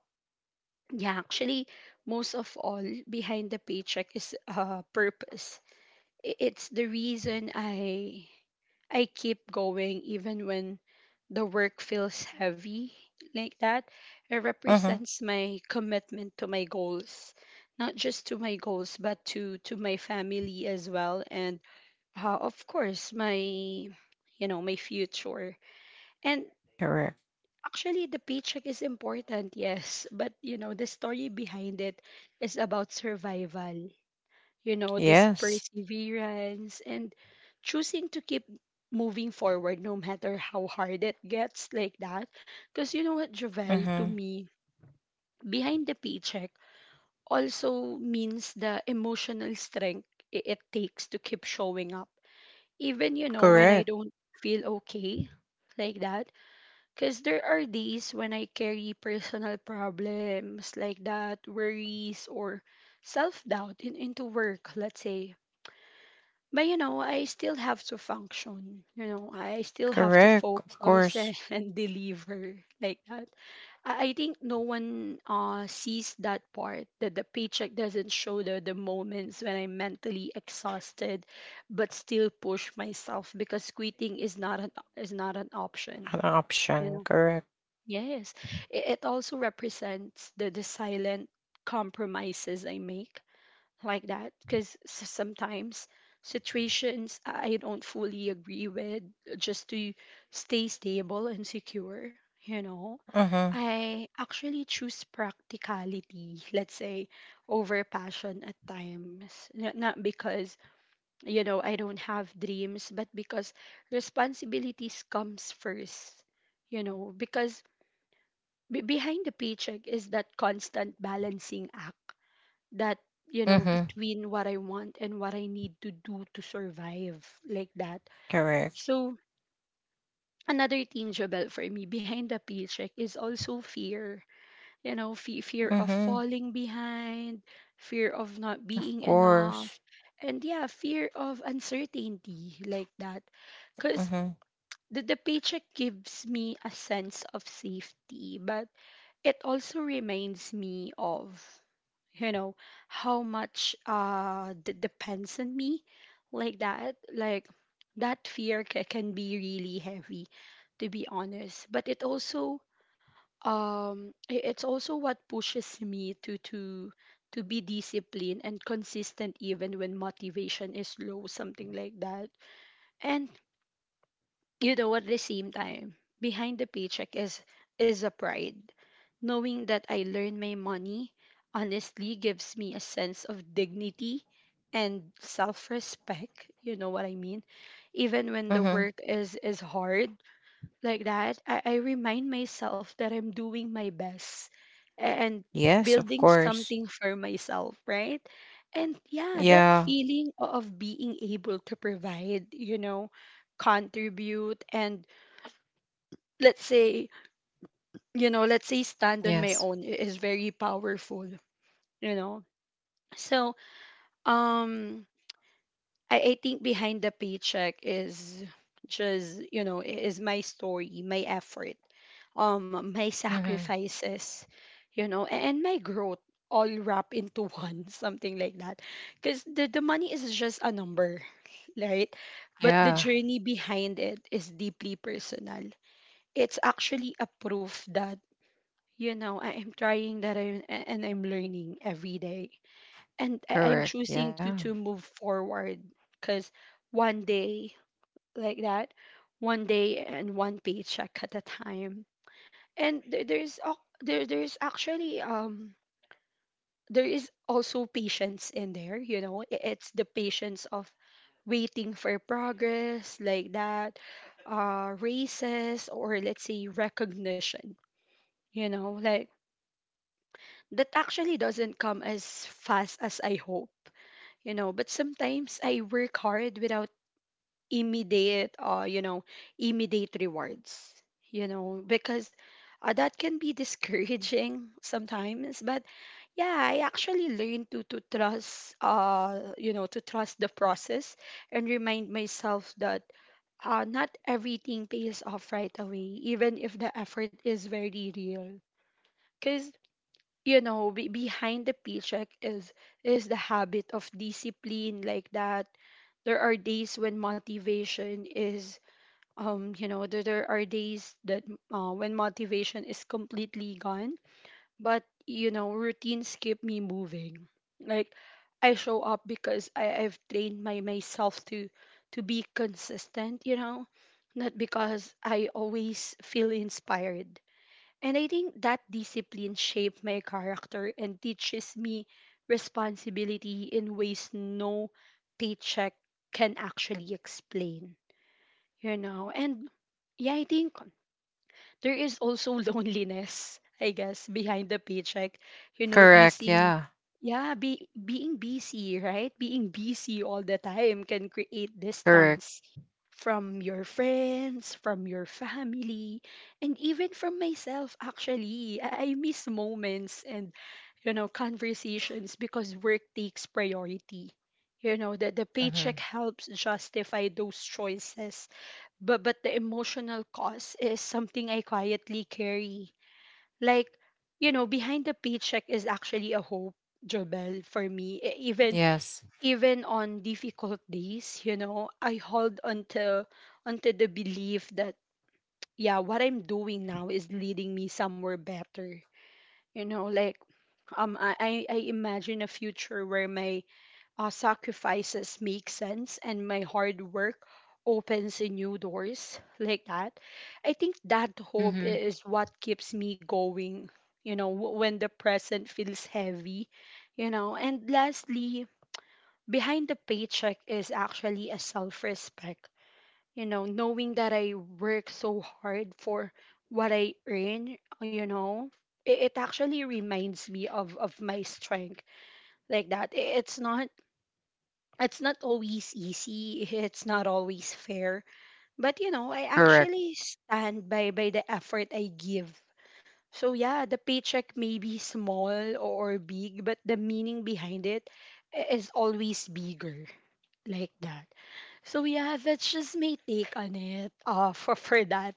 S1: yeah, actually, most of all, behind the paycheck is purpose. It's the reason I keep going even when the work feels heavy like that. It
S2: Mhm.
S1: represents my commitment to my goals, not just to my goals, but to my family as well, and of course, my, you know, my future. And
S2: Correct.
S1: actually the paycheck is important, yes, but you know, the story behind it is about survival, you know, this
S2: Yes.
S1: perseverance, and choosing to keep moving forward no matter how hard it gets like that, because you know what, Jovel, to
S2: Mhm.
S1: me, behind the paycheck also means the emotional strength it takes to keep showing up, even, you know, when
S2: Correct.
S1: I don't feel okay like that, because there are days when I carry personal problems like that, worries or self-doubt into work, let's say. But you know, I still have to function, you know, I still have to
S2: Correct. Of
S1: focus [laughs]
S2: course.
S1: and deliver like that. I think no one sees that part, that the paycheck doesn't show the moments when I'm mentally exhausted, but still push myself, because quitting is not an option.
S2: An option. Correct.
S1: Yes, it also represents the silent compromises I make like that, because sometimes situations I don't fully agree with, just to stay stable and secure. You know,
S2: Mhm.
S1: I actually choose practicality, let's say, over passion at times. Not because, you know, I don't have dreams, but because responsibilities comes first, you know, because behind the paycheck is that constant balancing act that, you know,
S2: Mhm.
S1: between what I want and what I need to do to survive like that.
S2: Correct.
S1: So another tangible for me behind the paycheck is also fear, you know, fear of
S2: Mhm.
S1: falling behind, fear of not
S2: Of
S1: being
S2: course.
S1: enough, and yeah, fear of uncertainty like that, because
S2: Mhm.
S1: the paycheck gives me a sense of safety, but it also reminds me of, you know, how much depends on me like that. Like that fear can be really heavy, to be honest, but it also, it's also what pushes me to be disciplined and consistent even when motivation is low, something like that. And you know, at the same time, behind the paycheck is a pride. Knowing that I learn my money honestly gives me a sense of dignity and self-respect, you know what I mean? Even when the
S2: Mhm.
S1: work is hard like that, I remind myself that I'm doing my best and
S2: Yes, of
S1: building
S2: course.
S1: something for myself, right? And yeah, that
S2: Yeah.
S1: feeling of being able to provide, you know, contribute, and let's say, you know, let's say, stand on my
S2: Yes.
S1: own is very powerful, you know. So, um I think behind the paycheck is just, you know, is my story, my effort, my
S2: Mhm.
S1: sacrifices, you know, and my growth, all wrapped into one, [laughs] something like that, because the money is just a number, right? But the
S2: Yeah.
S1: journey behind it is deeply personal. It's actually a proof that, you know, I am trying, that I'm and I'm learning every day, and I'm
S2: Correct.
S1: choosing to
S2: Yeah.
S1: to move forward, because one day like that, one day and one paycheck at a time. And there's actually, there is also patience in there. You know, it's the patience of waiting for progress like that, raises, or let's say, recognition. You know, like that actually doesn't come as fast as I hope, you know, but sometimes I work hard without immediate, immediate rewards, you know, because that can be [laughs] discouraging sometimes. But yeah, I actually learned to trust, to trust the process, and remind myself that, not everything pays off right away, even if the effort is very real, because, you know, be behind the paycheck is the habit of discipline like that. There are days when motivation is, there are days that, when motivation is completely gone, but you know, routines keep me moving. Like, I show up because I've trained my myself to be consistent, you know, not because I always feel inspired. And I think that discipline shaped my character and teaches me responsibility in ways no paycheck can actually explain, you know. And yeah, I think there is also [laughs] loneliness, I guess, behind the paycheck. You know,
S2: Correct.
S1: being,
S2: Yeah.
S1: yeah, be being busy, right? Being busy all the time can create
S2: Correct.
S1: distance from your friends, from your family, and even from myself actually. I miss moments and, you know, conversations because work takes priority. You know, that the paycheck
S2: Hmm.
S1: helps justify those choices, but the emotional cost is something I quietly carry. Like, you know, behind the paycheck is actually a hope, Jobel, for me. Even
S2: Yes.
S1: even on difficult days, you know, I hold onto the belief that yeah, what I'm doing now is leading me somewhere better. You know, like I imagine a future where my sacrifices make sense and my hard work opens a new doors like that. I think that hope
S2: Hmm.
S1: is what keeps me going, you know, when the present feels heavy, you know. And lastly, behind the paycheck is actually a self-respect, you know, knowing that I work so hard for what I earn, you know. It actually reminds me of my strength, like that. It's not it's not always easy, [laughs] it's not always fair, but you know, I
S2: Correct.
S1: actually stand by the effort I give. So yeah, the paycheck may be small or big, but the meaning behind it is always bigger, like that. So yeah, that's just my take on it [laughs] for that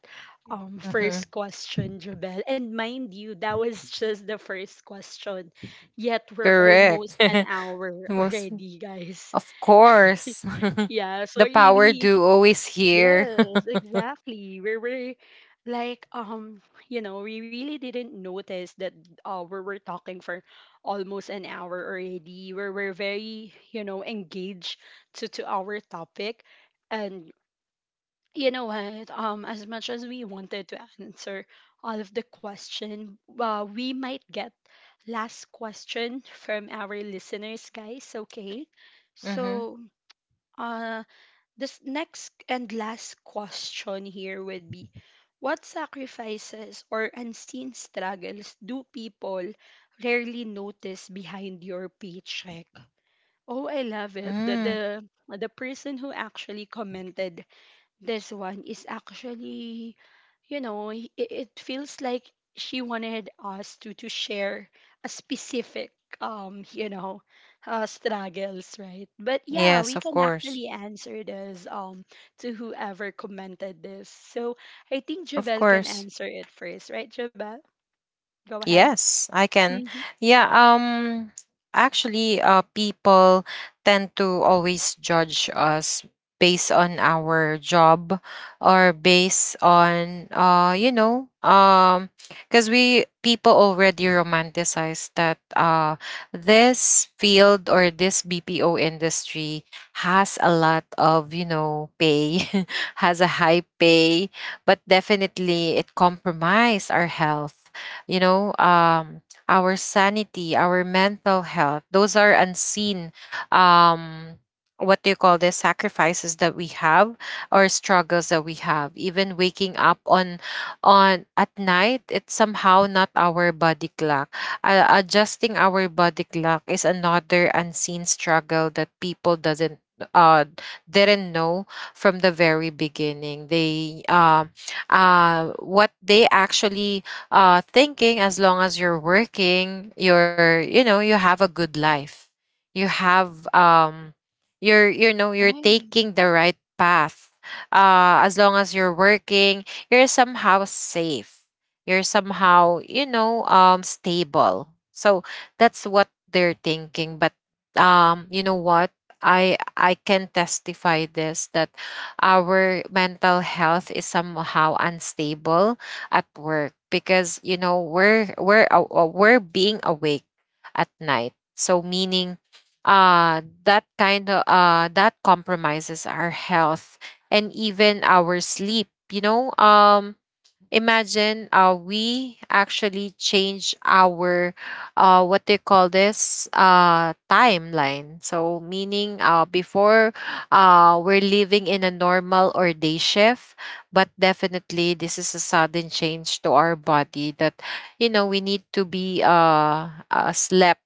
S1: first
S2: Hmm.
S1: question, Jabel, and mind you, that was just the first question, yet we're almost
S2: Correct.
S1: an
S2: [laughs]
S1: hour [laughs]
S2: Most,
S1: already, guys.
S2: of course. [laughs]
S1: Yeah, so
S2: The
S1: we,
S2: power
S1: we
S2: duo is here.
S1: yes,
S2: [laughs]
S1: exactly. We were like you know, we really didn't notice that we were talking for almost an hour already. We were very, you know, engaged to our topic and you know what, as much as we wanted to answer all of the question, we might get last question from our listeners, guys, okay?
S2: Hmm.
S1: So, uh this next and last question here would be, what sacrifices or unseen struggles do people rarely notice behind your paycheck? Oh, I love it. The
S2: Mm.
S1: the, the person who actually commented this one is actually, you know, it feels like she wanted us to share a specific you know struggles, right? But yeah, we
S2: Yes,
S1: can
S2: of
S1: actually
S2: course.
S1: answer this, um, to whoever commented this. So I think
S2: Of
S1: Javel can
S2: course.
S1: answer it first, right, Javel? Go ahead.
S2: Yes, I can.
S1: Mm-hmm.
S2: Yeah, actually people tend to always judge us based on our job, or based on because we, people already romanticize that this field or this BPO industry has a lot of pay [laughs] has a high pay. But definitely it compromise our health, you know, um, our sanity, our mental health. Those are unseen, um, what do you call this, sacrifices that we have, or struggles that we have. Even waking up on at night, it's somehow not our body clock. Adjusting our body clock is another unseen struggle that people doesn't uh didn't know from the very beginning. They What they actually thinking, as long as you're working, you're you know you have a good life. You have you're you know you're
S1: Right.
S2: taking the right path. As long as you're working, you're somehow safe. You're somehow stable. So that's what they're thinking. But you know what? I can testify this that our mental health is somehow unstable at work, because we're being awake at night. So meaning, uh that kind of that compromises our health, and even our sleep. Imagine we actually change our what they call this, timeline. So meaning, before, we're living in a normal or day shift, but definitely this is a sudden change to our body that we need to be slept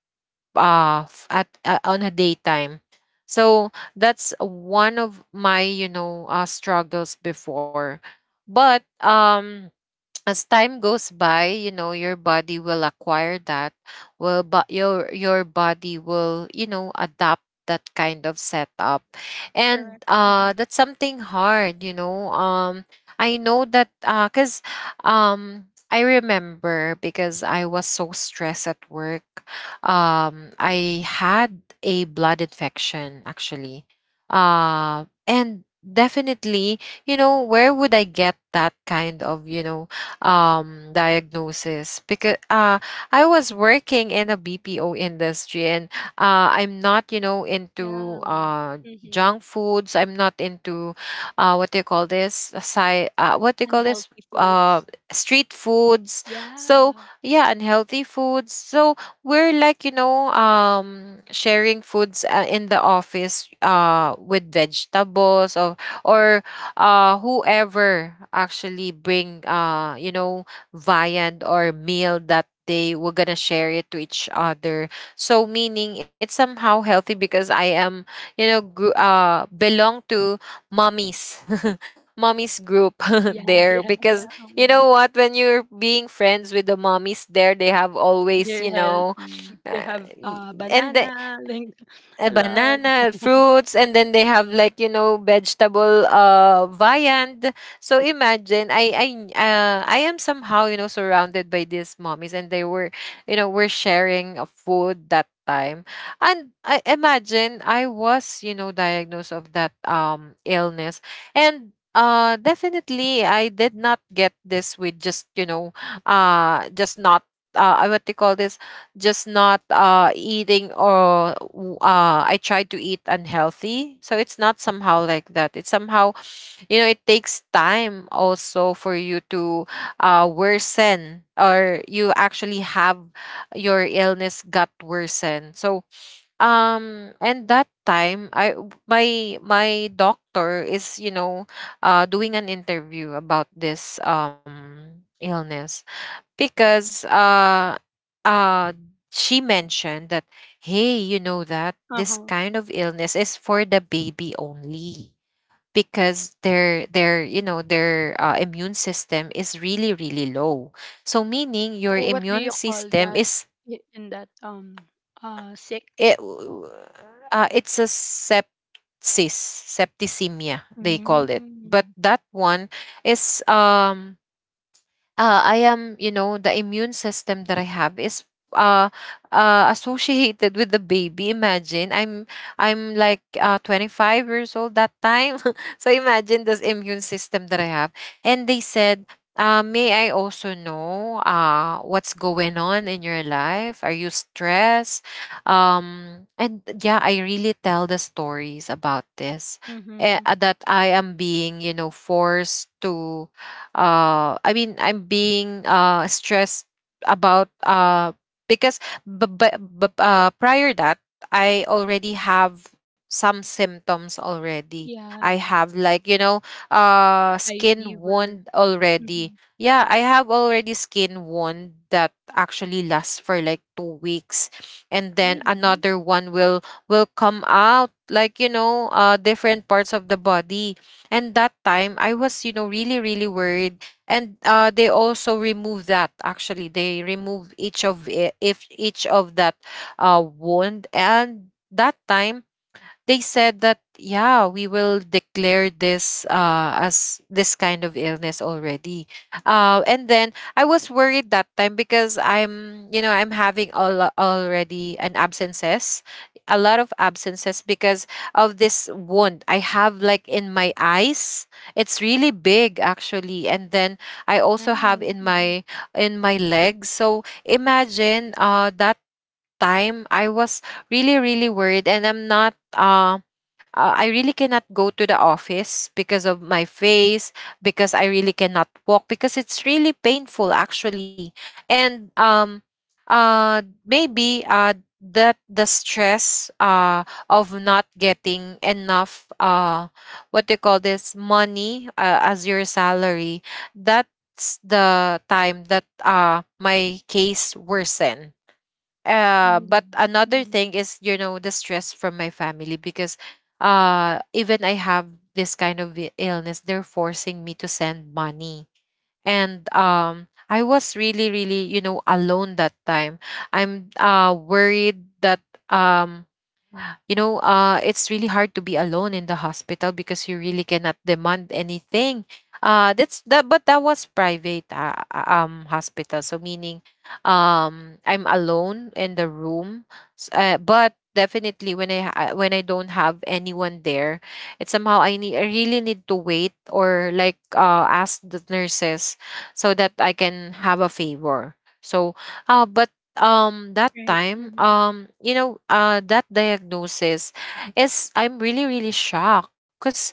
S2: f- at on a daytime. So that's one of my, struggles before. But as time goes by, you know, your body will acquire that. Well, but your body will you know, adapt that kind of setup. And
S1: Correct. Mm-hmm.
S2: that's something hard. You know. I know that, cuz um I remember, because I was so stressed at work. I had a blood infection actually. And definitely, you know, where would I get that kind of, diagnosis? Because I was working in a BPO industry, and I'm not you know, into
S1: Yeah. Mm-hmm.
S2: junk foods. I'm not into what do you call this? Side, what do you call this?
S1: Unhealthy foods.
S2: Street foods. So
S1: Yeah.
S2: yeah, unhealthy foods. So we're like, sharing foods in the office with vegetables, or whoever actually bring viand or meal that they were gonna share it to each other, so meaning it's somehow healthy, because I am, belong to mommies, [laughs] mommies group [laughs]
S1: Yeah. [laughs]
S2: there.
S1: Yeah.
S2: Because you
S1: Yeah.
S2: know what, when you're being friends with the mommies there, they have always,
S1: They're
S2: you know
S1: healthy. They
S2: uh,
S1: have
S2: y- and the-
S1: banana, like [laughs]
S2: a
S1: a lot.
S2: banana, fruits, and then they have like you know vegetable viand. So imagine I am somehow you know surrounded by these mommies, and they were you know were sharing a food that time, and I imagine I was you know diagnosed of that illness. And definitely I did not get this with just not what do you call this, just not eating, or I tried to eat unhealthy. So it's not somehow like that. It's somehow, you know, it takes time also for you to worsen, or you actually have your illness got worsened. So and that time I, my doctor is, doing an interview about this illness, because uh she mentioned that, hey, you know that this
S1: Uh-huh.
S2: kind of illness is for the baby only, because their you know their immune system is really really low, so meaning your
S1: Or what do you
S2: immune
S1: call
S2: system
S1: that
S2: is...
S1: in that sick?
S2: it, it's a sepsis, septicemia they call it. But
S1: Mm-hmm.
S2: that one is, I am, you know, the immune system that I have is uh, associated with the baby. Imagine I'm like 25 years old that time, [laughs] so imagine this immune system that I have. And they said, "May I also know what's going on in your life? Are you stressed?" And yeah, I really tell the stories about this.
S1: Mm-hmm.
S2: That I am being you know, forced to I mean, I'm being stressed about... because but but prior that, I already have some symptoms already.
S1: Yeah.
S2: I have like,
S1: High
S2: skin
S1: fever.
S2: wound already.
S1: Mm-hmm.
S2: Yeah, I have already skin wound that actually lasts for like 2 weeks, and then
S1: Really?
S2: another one will come out like, different parts of the body. And that time I was you know really really worried. And they also remove that, actually they remove each of it, if each of that wound. And that time they said that, yeah, we will declare this as this kind of illness already. And then I was worried that time, because I'm you know I'm having all already an absences. A lot of absences because of this wound I have, like, in my eyes. It's really big actually, and then I also have
S1: Right.
S2: in
S1: Mm-hmm.
S2: my legs. So imagine that time I was really really worried. And I'm not I really cannot go to the office because of my face, because I really cannot walk, because it's really painful actually. And maybe that the stress of not getting enough, what do you call this, money, as your salary, that's the time that my case worsened.
S1: Really?
S2: But another
S1: Mm-hmm.
S2: thing is you know the stress from my family, because even I have this kind of illness, they're forcing me to send money. And I was really really you know alone that time. I'm worried that... um it's really hard to be alone in the hospital, because you really cannot demand anything. That's that. But that was private hospital. So meaning, I'm alone in the room. But definitely, when when I don't have anyone there, it's somehow I really need to wait, or like ask the nurses so that I can have a favor. So, but that
S1: Right.
S2: time,
S1: Mm-hmm.
S2: that diagnosis is, I'm really really shocked. Because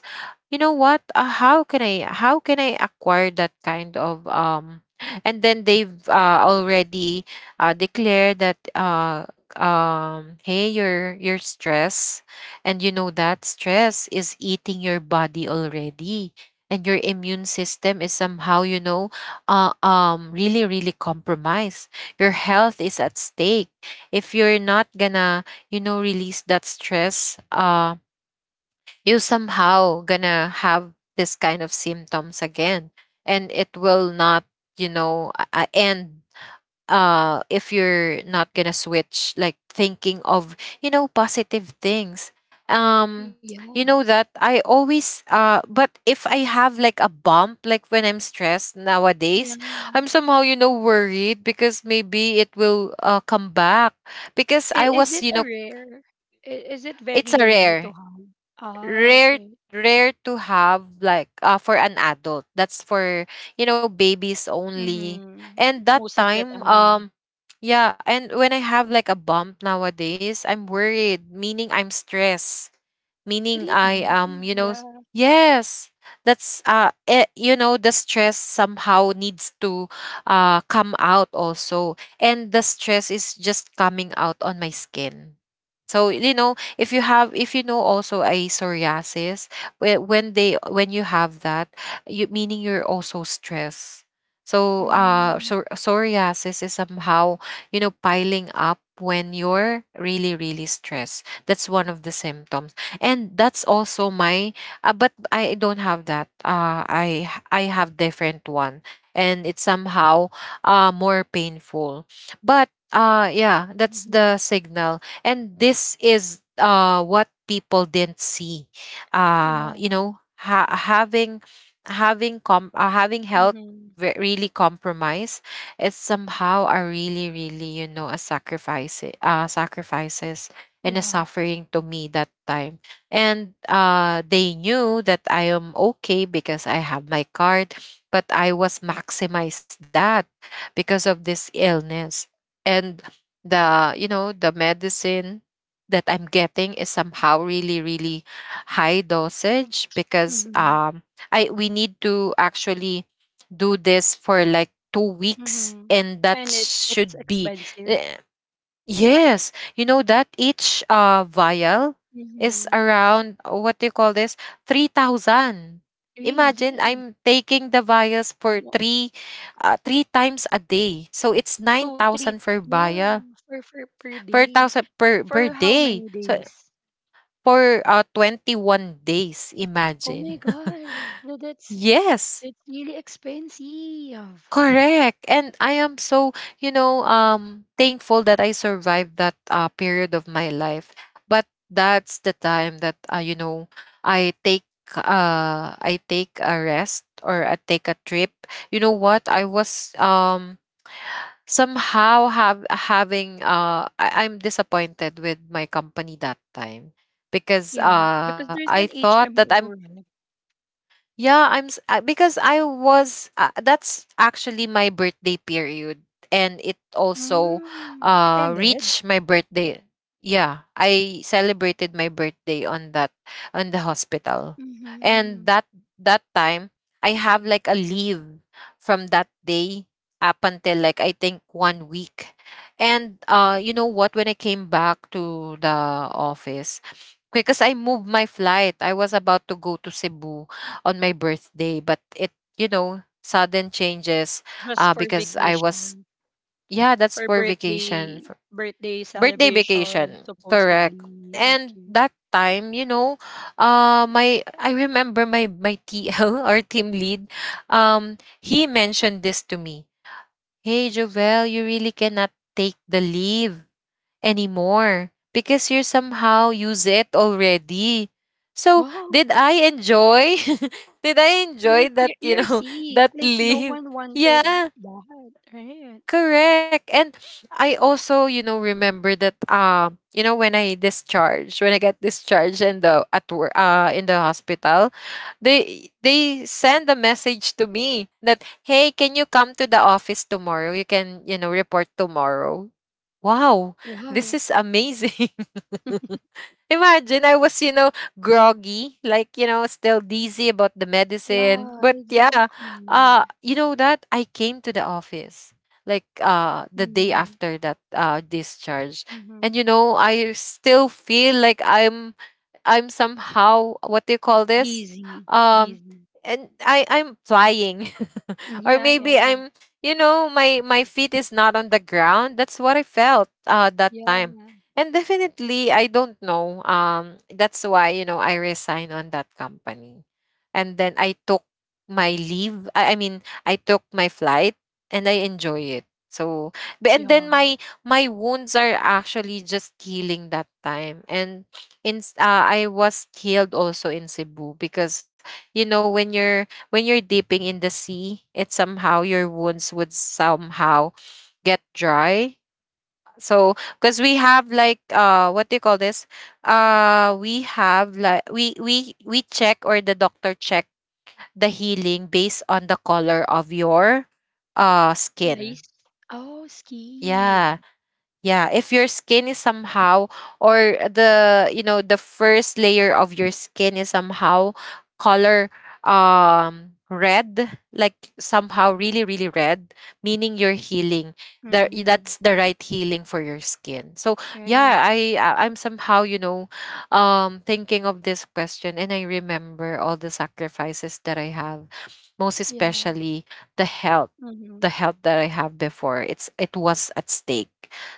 S2: you know what, how can I acquire that kind of... And then they've already declared that, hey, your stress, and you know that stress is eating your body already, and your immune system is somehow, really really compromised. Your health is at stake. If you're not gonna you know, release that stress, you somehow gonna have this kind of symptoms again. And it will not, end if you're not gonna switch like thinking of positive things
S1: Yeah.
S2: um that I always but if I have like a bump like when I'm stressed
S1: Yeah.
S2: nowadays, I'm somehow, you know, worried because maybe it will come back because i
S1: Is it
S2: was you
S1: a
S2: know
S1: rare? Is it
S2: it's
S1: very
S2: a
S1: rare to
S2: rare
S1: have? Ah,
S2: rare
S1: okay.
S2: rare to have, like, for an adult. That's for, you know, babies only
S1: Mm-hmm.
S2: and that
S1: Most of the
S2: time
S1: time.
S2: Yeah, and when I have like a bump nowadays, I'm worried, meaning I'm stressed, meaning I
S1: Really?
S2: am, you know s-
S1: Yeah.
S2: Yes, you know, the stress somehow needs to come out also, and the stress is just coming out on my skin. So, you know, if you have, if you know also a psoriasis, when you have that, you, meaning you're also stressed. So
S1: Mm,
S2: so psoriasis is somehow, you know, piling up when you're really really stressed. That's one of the symptoms, and that's also my but I don't have that. I have different one, and it's somehow more painful. But yeah, that's
S1: mhm.
S2: the signal, and this is what people didn't see.
S1: Yeah.
S2: You know, having having com having health
S1: Mhm.
S2: really compromise. It's somehow a really really, you know, a sacrifice sacrifices and a
S1: Yeah.
S2: suffering to me that time. And they knew that I am okay because I have my card, but I was maximized that because of this illness. And the, you know, the medicine that I'm getting is somehow really, really high dosage, because
S1: Mhm.
S2: I, we need to actually do this for like 2 weeks,
S1: Mhm.
S2: and that
S1: And it it's
S2: should be
S1: expensive.
S2: eh, yes. You know that each vial is
S1: Mhm.
S2: around, what do you call this? 3000. Imagine,
S1: Really?
S2: I'm taking the vials for
S1: Wha-
S2: 3 times a day. So it's
S1: So three,
S2: 9000 per
S1: yeah,
S2: vial
S1: for per
S2: per
S1: day.
S2: thousand per per
S1: For how
S2: day.
S1: many
S2: So
S1: days?
S2: for 21 days,
S1: Oh my
S2: imagine. [laughs]
S1: gosh, no,
S2: Yes.
S1: that's really expensive.
S2: Correct. And I am so, you know, thankful that I survived that period of my life. But that's the time that, you know, I take I take a rest, or I take a trip. You know what? I was somehow have having I- I'm disappointed with my company that time, because
S1: Yeah, because there's
S2: I
S1: an
S2: thought that I'm
S1: HMO, right?
S2: yeah, I'm s- because I was that's actually my birthday period, and it also
S1: Mm. It ended
S2: reached my birthday. Yeah, I celebrated my birthday on that on the hospital. And
S1: Mhm.
S2: that time, I have like a leave from that day up until, like, I think 1 week. And you know what, when I came back to the office, because I moved my flight. I was about to go to Cebu on my birthday, but it, you know, sudden changes,
S1: Just for
S2: because I was,
S1: vacation.
S2: yeah, that's
S1: For
S2: for vacation.
S1: birthday
S2: For birthday
S1: celebration,
S2: vacation. Correct.
S1: supposedly.
S2: And
S1: Okay.
S2: that time, you know, my I remember my TL, or [laughs] team lead, he mentioned this to me. Hey Jovel, you really cannot take the leave anymore because you somehow use it already. So did
S1: Wow.
S2: I enjoy? [laughs] Did I enjoy
S1: Like
S2: that, you
S1: you're
S2: know, [laughs] that
S1: sick. Like no
S2: leave?
S1: one wanted
S2: Yeah,
S1: that, right?
S2: correct. And I also, you know, remember that, you know, when I got discharged in the at work in the hospital, they send a message to me that, hey, can you come to the office tomorrow, you can, you know, report tomorrow. Wow, this
S1: Wow.
S2: is amazing. [laughs] Imagine, I was, you know, groggy, like, you know, still dizzy about the medicine.
S1: Yeah,
S2: But yeah,
S1: exactly.
S2: you know that I came to the office like the day
S1: Mm-hmm.
S2: after that discharge.
S1: Mm-hmm.
S2: And you know, I still feel like I'm somehow, what do you call this?
S1: Dizzy.
S2: Um
S1: Dizzy.
S2: and I'm flying.
S1: Mm,
S2: [laughs] Or
S1: yeah,
S2: maybe
S1: yeah.
S2: I'm, you know, my feet is not on the ground. That's what I felt that
S1: Yeah.
S2: time. And definitely, I don't know. That's why, you know, I resigned on that company. And then I took my leave. I mean, I took my flight and I enjoy it. So, and then
S1: Yeah. Yeah.
S2: my wounds are actually just healing that time. And I was healed also in Cebu, because you know, when you're dipping in the sea, it somehow, your wounds would somehow get dry. So because we have like, what do you call this? We have like, we check, or the doctor check the healing based on the color of your skin.
S1: Ice. Oh, ski.
S2: Yeah. Yeah, if your skin is somehow, or the, you know, the first layer of your skin is somehow color, red, like somehow really really red, meaning you're healing. There,
S1: Mm-hmm.
S2: that's the right healing for your skin. So
S1: Right.
S2: yeah, I'm somehow, you know, thinking of this question, and I remember all the sacrifices that I have, most
S1: Yeah.
S2: especially the health,
S1: Mm-hmm.
S2: the health that I have before. It was at stake.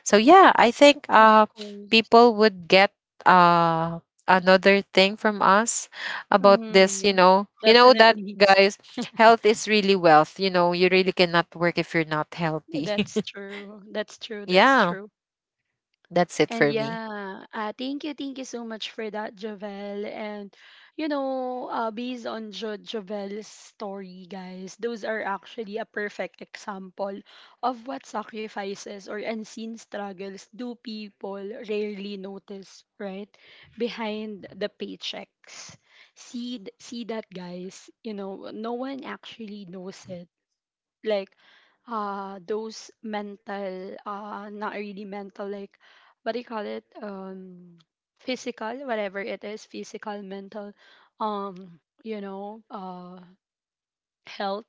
S2: So yeah, I think
S1: Of course.
S2: people would get uh another thing from us about
S1: Mm-hmm.
S2: this, you
S1: Yeah.
S2: know. You know that,
S1: Definitely.
S2: guys, health is really wealth. You know, you really cannot work if you're not healthy.
S1: That's
S2: [laughs]
S1: true. That's true. That's
S2: Yeah,
S1: true.
S2: that's it
S1: And
S2: for me.
S1: yeah, thank you so much for that, Javel. And you know, based on Javel's story, guys, those are actually a perfect example of what sacrifices or unseen struggles do people rarely notice, right? Behind the paychecks. See, see that, guys. You know, no one actually knows it, like, those mental not really mental, like, what do you call it, physical, whatever it is, physical, mental, um you know, health,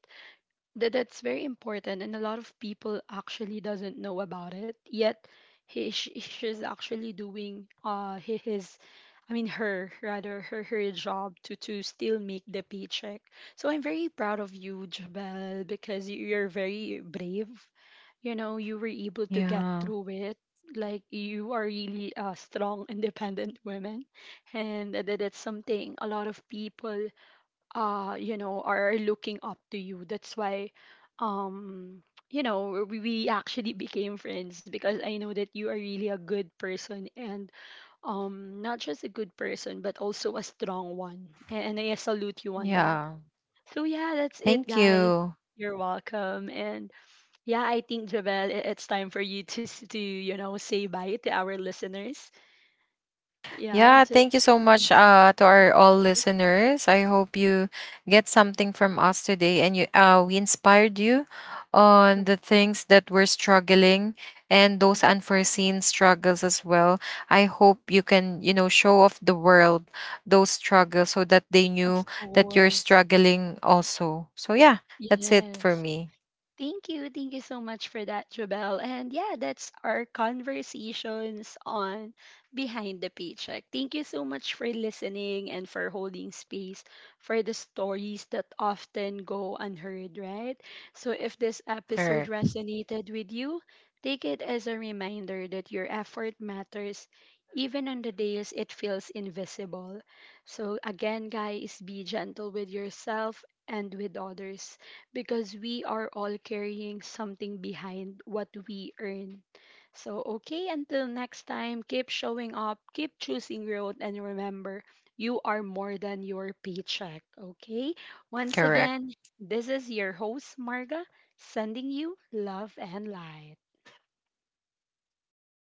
S1: that that's very important, and a lot of people actually doesn't know about it yet. She's actually doing hi- his I mean, her, rather, her her job to still make the paycheck. So I'm very proud of you, Jabel, because you're very brave, you know, you were able to get
S2: Yeah.
S1: through it, like you are really a strong independent woman. And that's something a lot of people, you know, are looking up to you, that's why, um you know, we actually became friends because I know that you are really a good person, and, um, not just a good person, but also a strong one, and I salute you on that.
S2: Yeah.
S1: So yeah, that's it,
S2: Thank
S1: guys.
S2: you.
S1: You're welcome. And yeah, I think, Javel, it's time for you to to, you know, say bye to our listeners. Yeah,
S2: Yeah,
S1: just
S2: thank you so
S1: [laughs]
S2: much, to our all listeners. I hope you get something from us today, and you, we inspired you
S1: Mhm.
S2: on
S1: Of course
S2: the things that we're struggling, and those unforeseen struggles as well. I hope you can, you know, show off the world those struggles, so that they
S1: of
S2: knew that you're
S1: course
S2: struggling also. So yeah, that's it
S1: yes.
S2: for me.
S1: Thank you. Thank you so much for that, Jabel. And yeah, that's our conversations on Behind the Paycheck. Thank you so much for listening and for holding space for the stories that often go unheard, right? So if this episode
S2: Correct.
S1: resonated with you, take it as a reminder that your effort matters, even on the days it feels invisible. So again, guys, be gentle with yourself and with others, because we are all carrying something behind what we earn. So, okay, until next time, keep showing up, keep choosing growth, and remember, you are more than your paycheck. Okay, once
S2: Correct.
S1: again, this is your host, Marga, sending you love and light.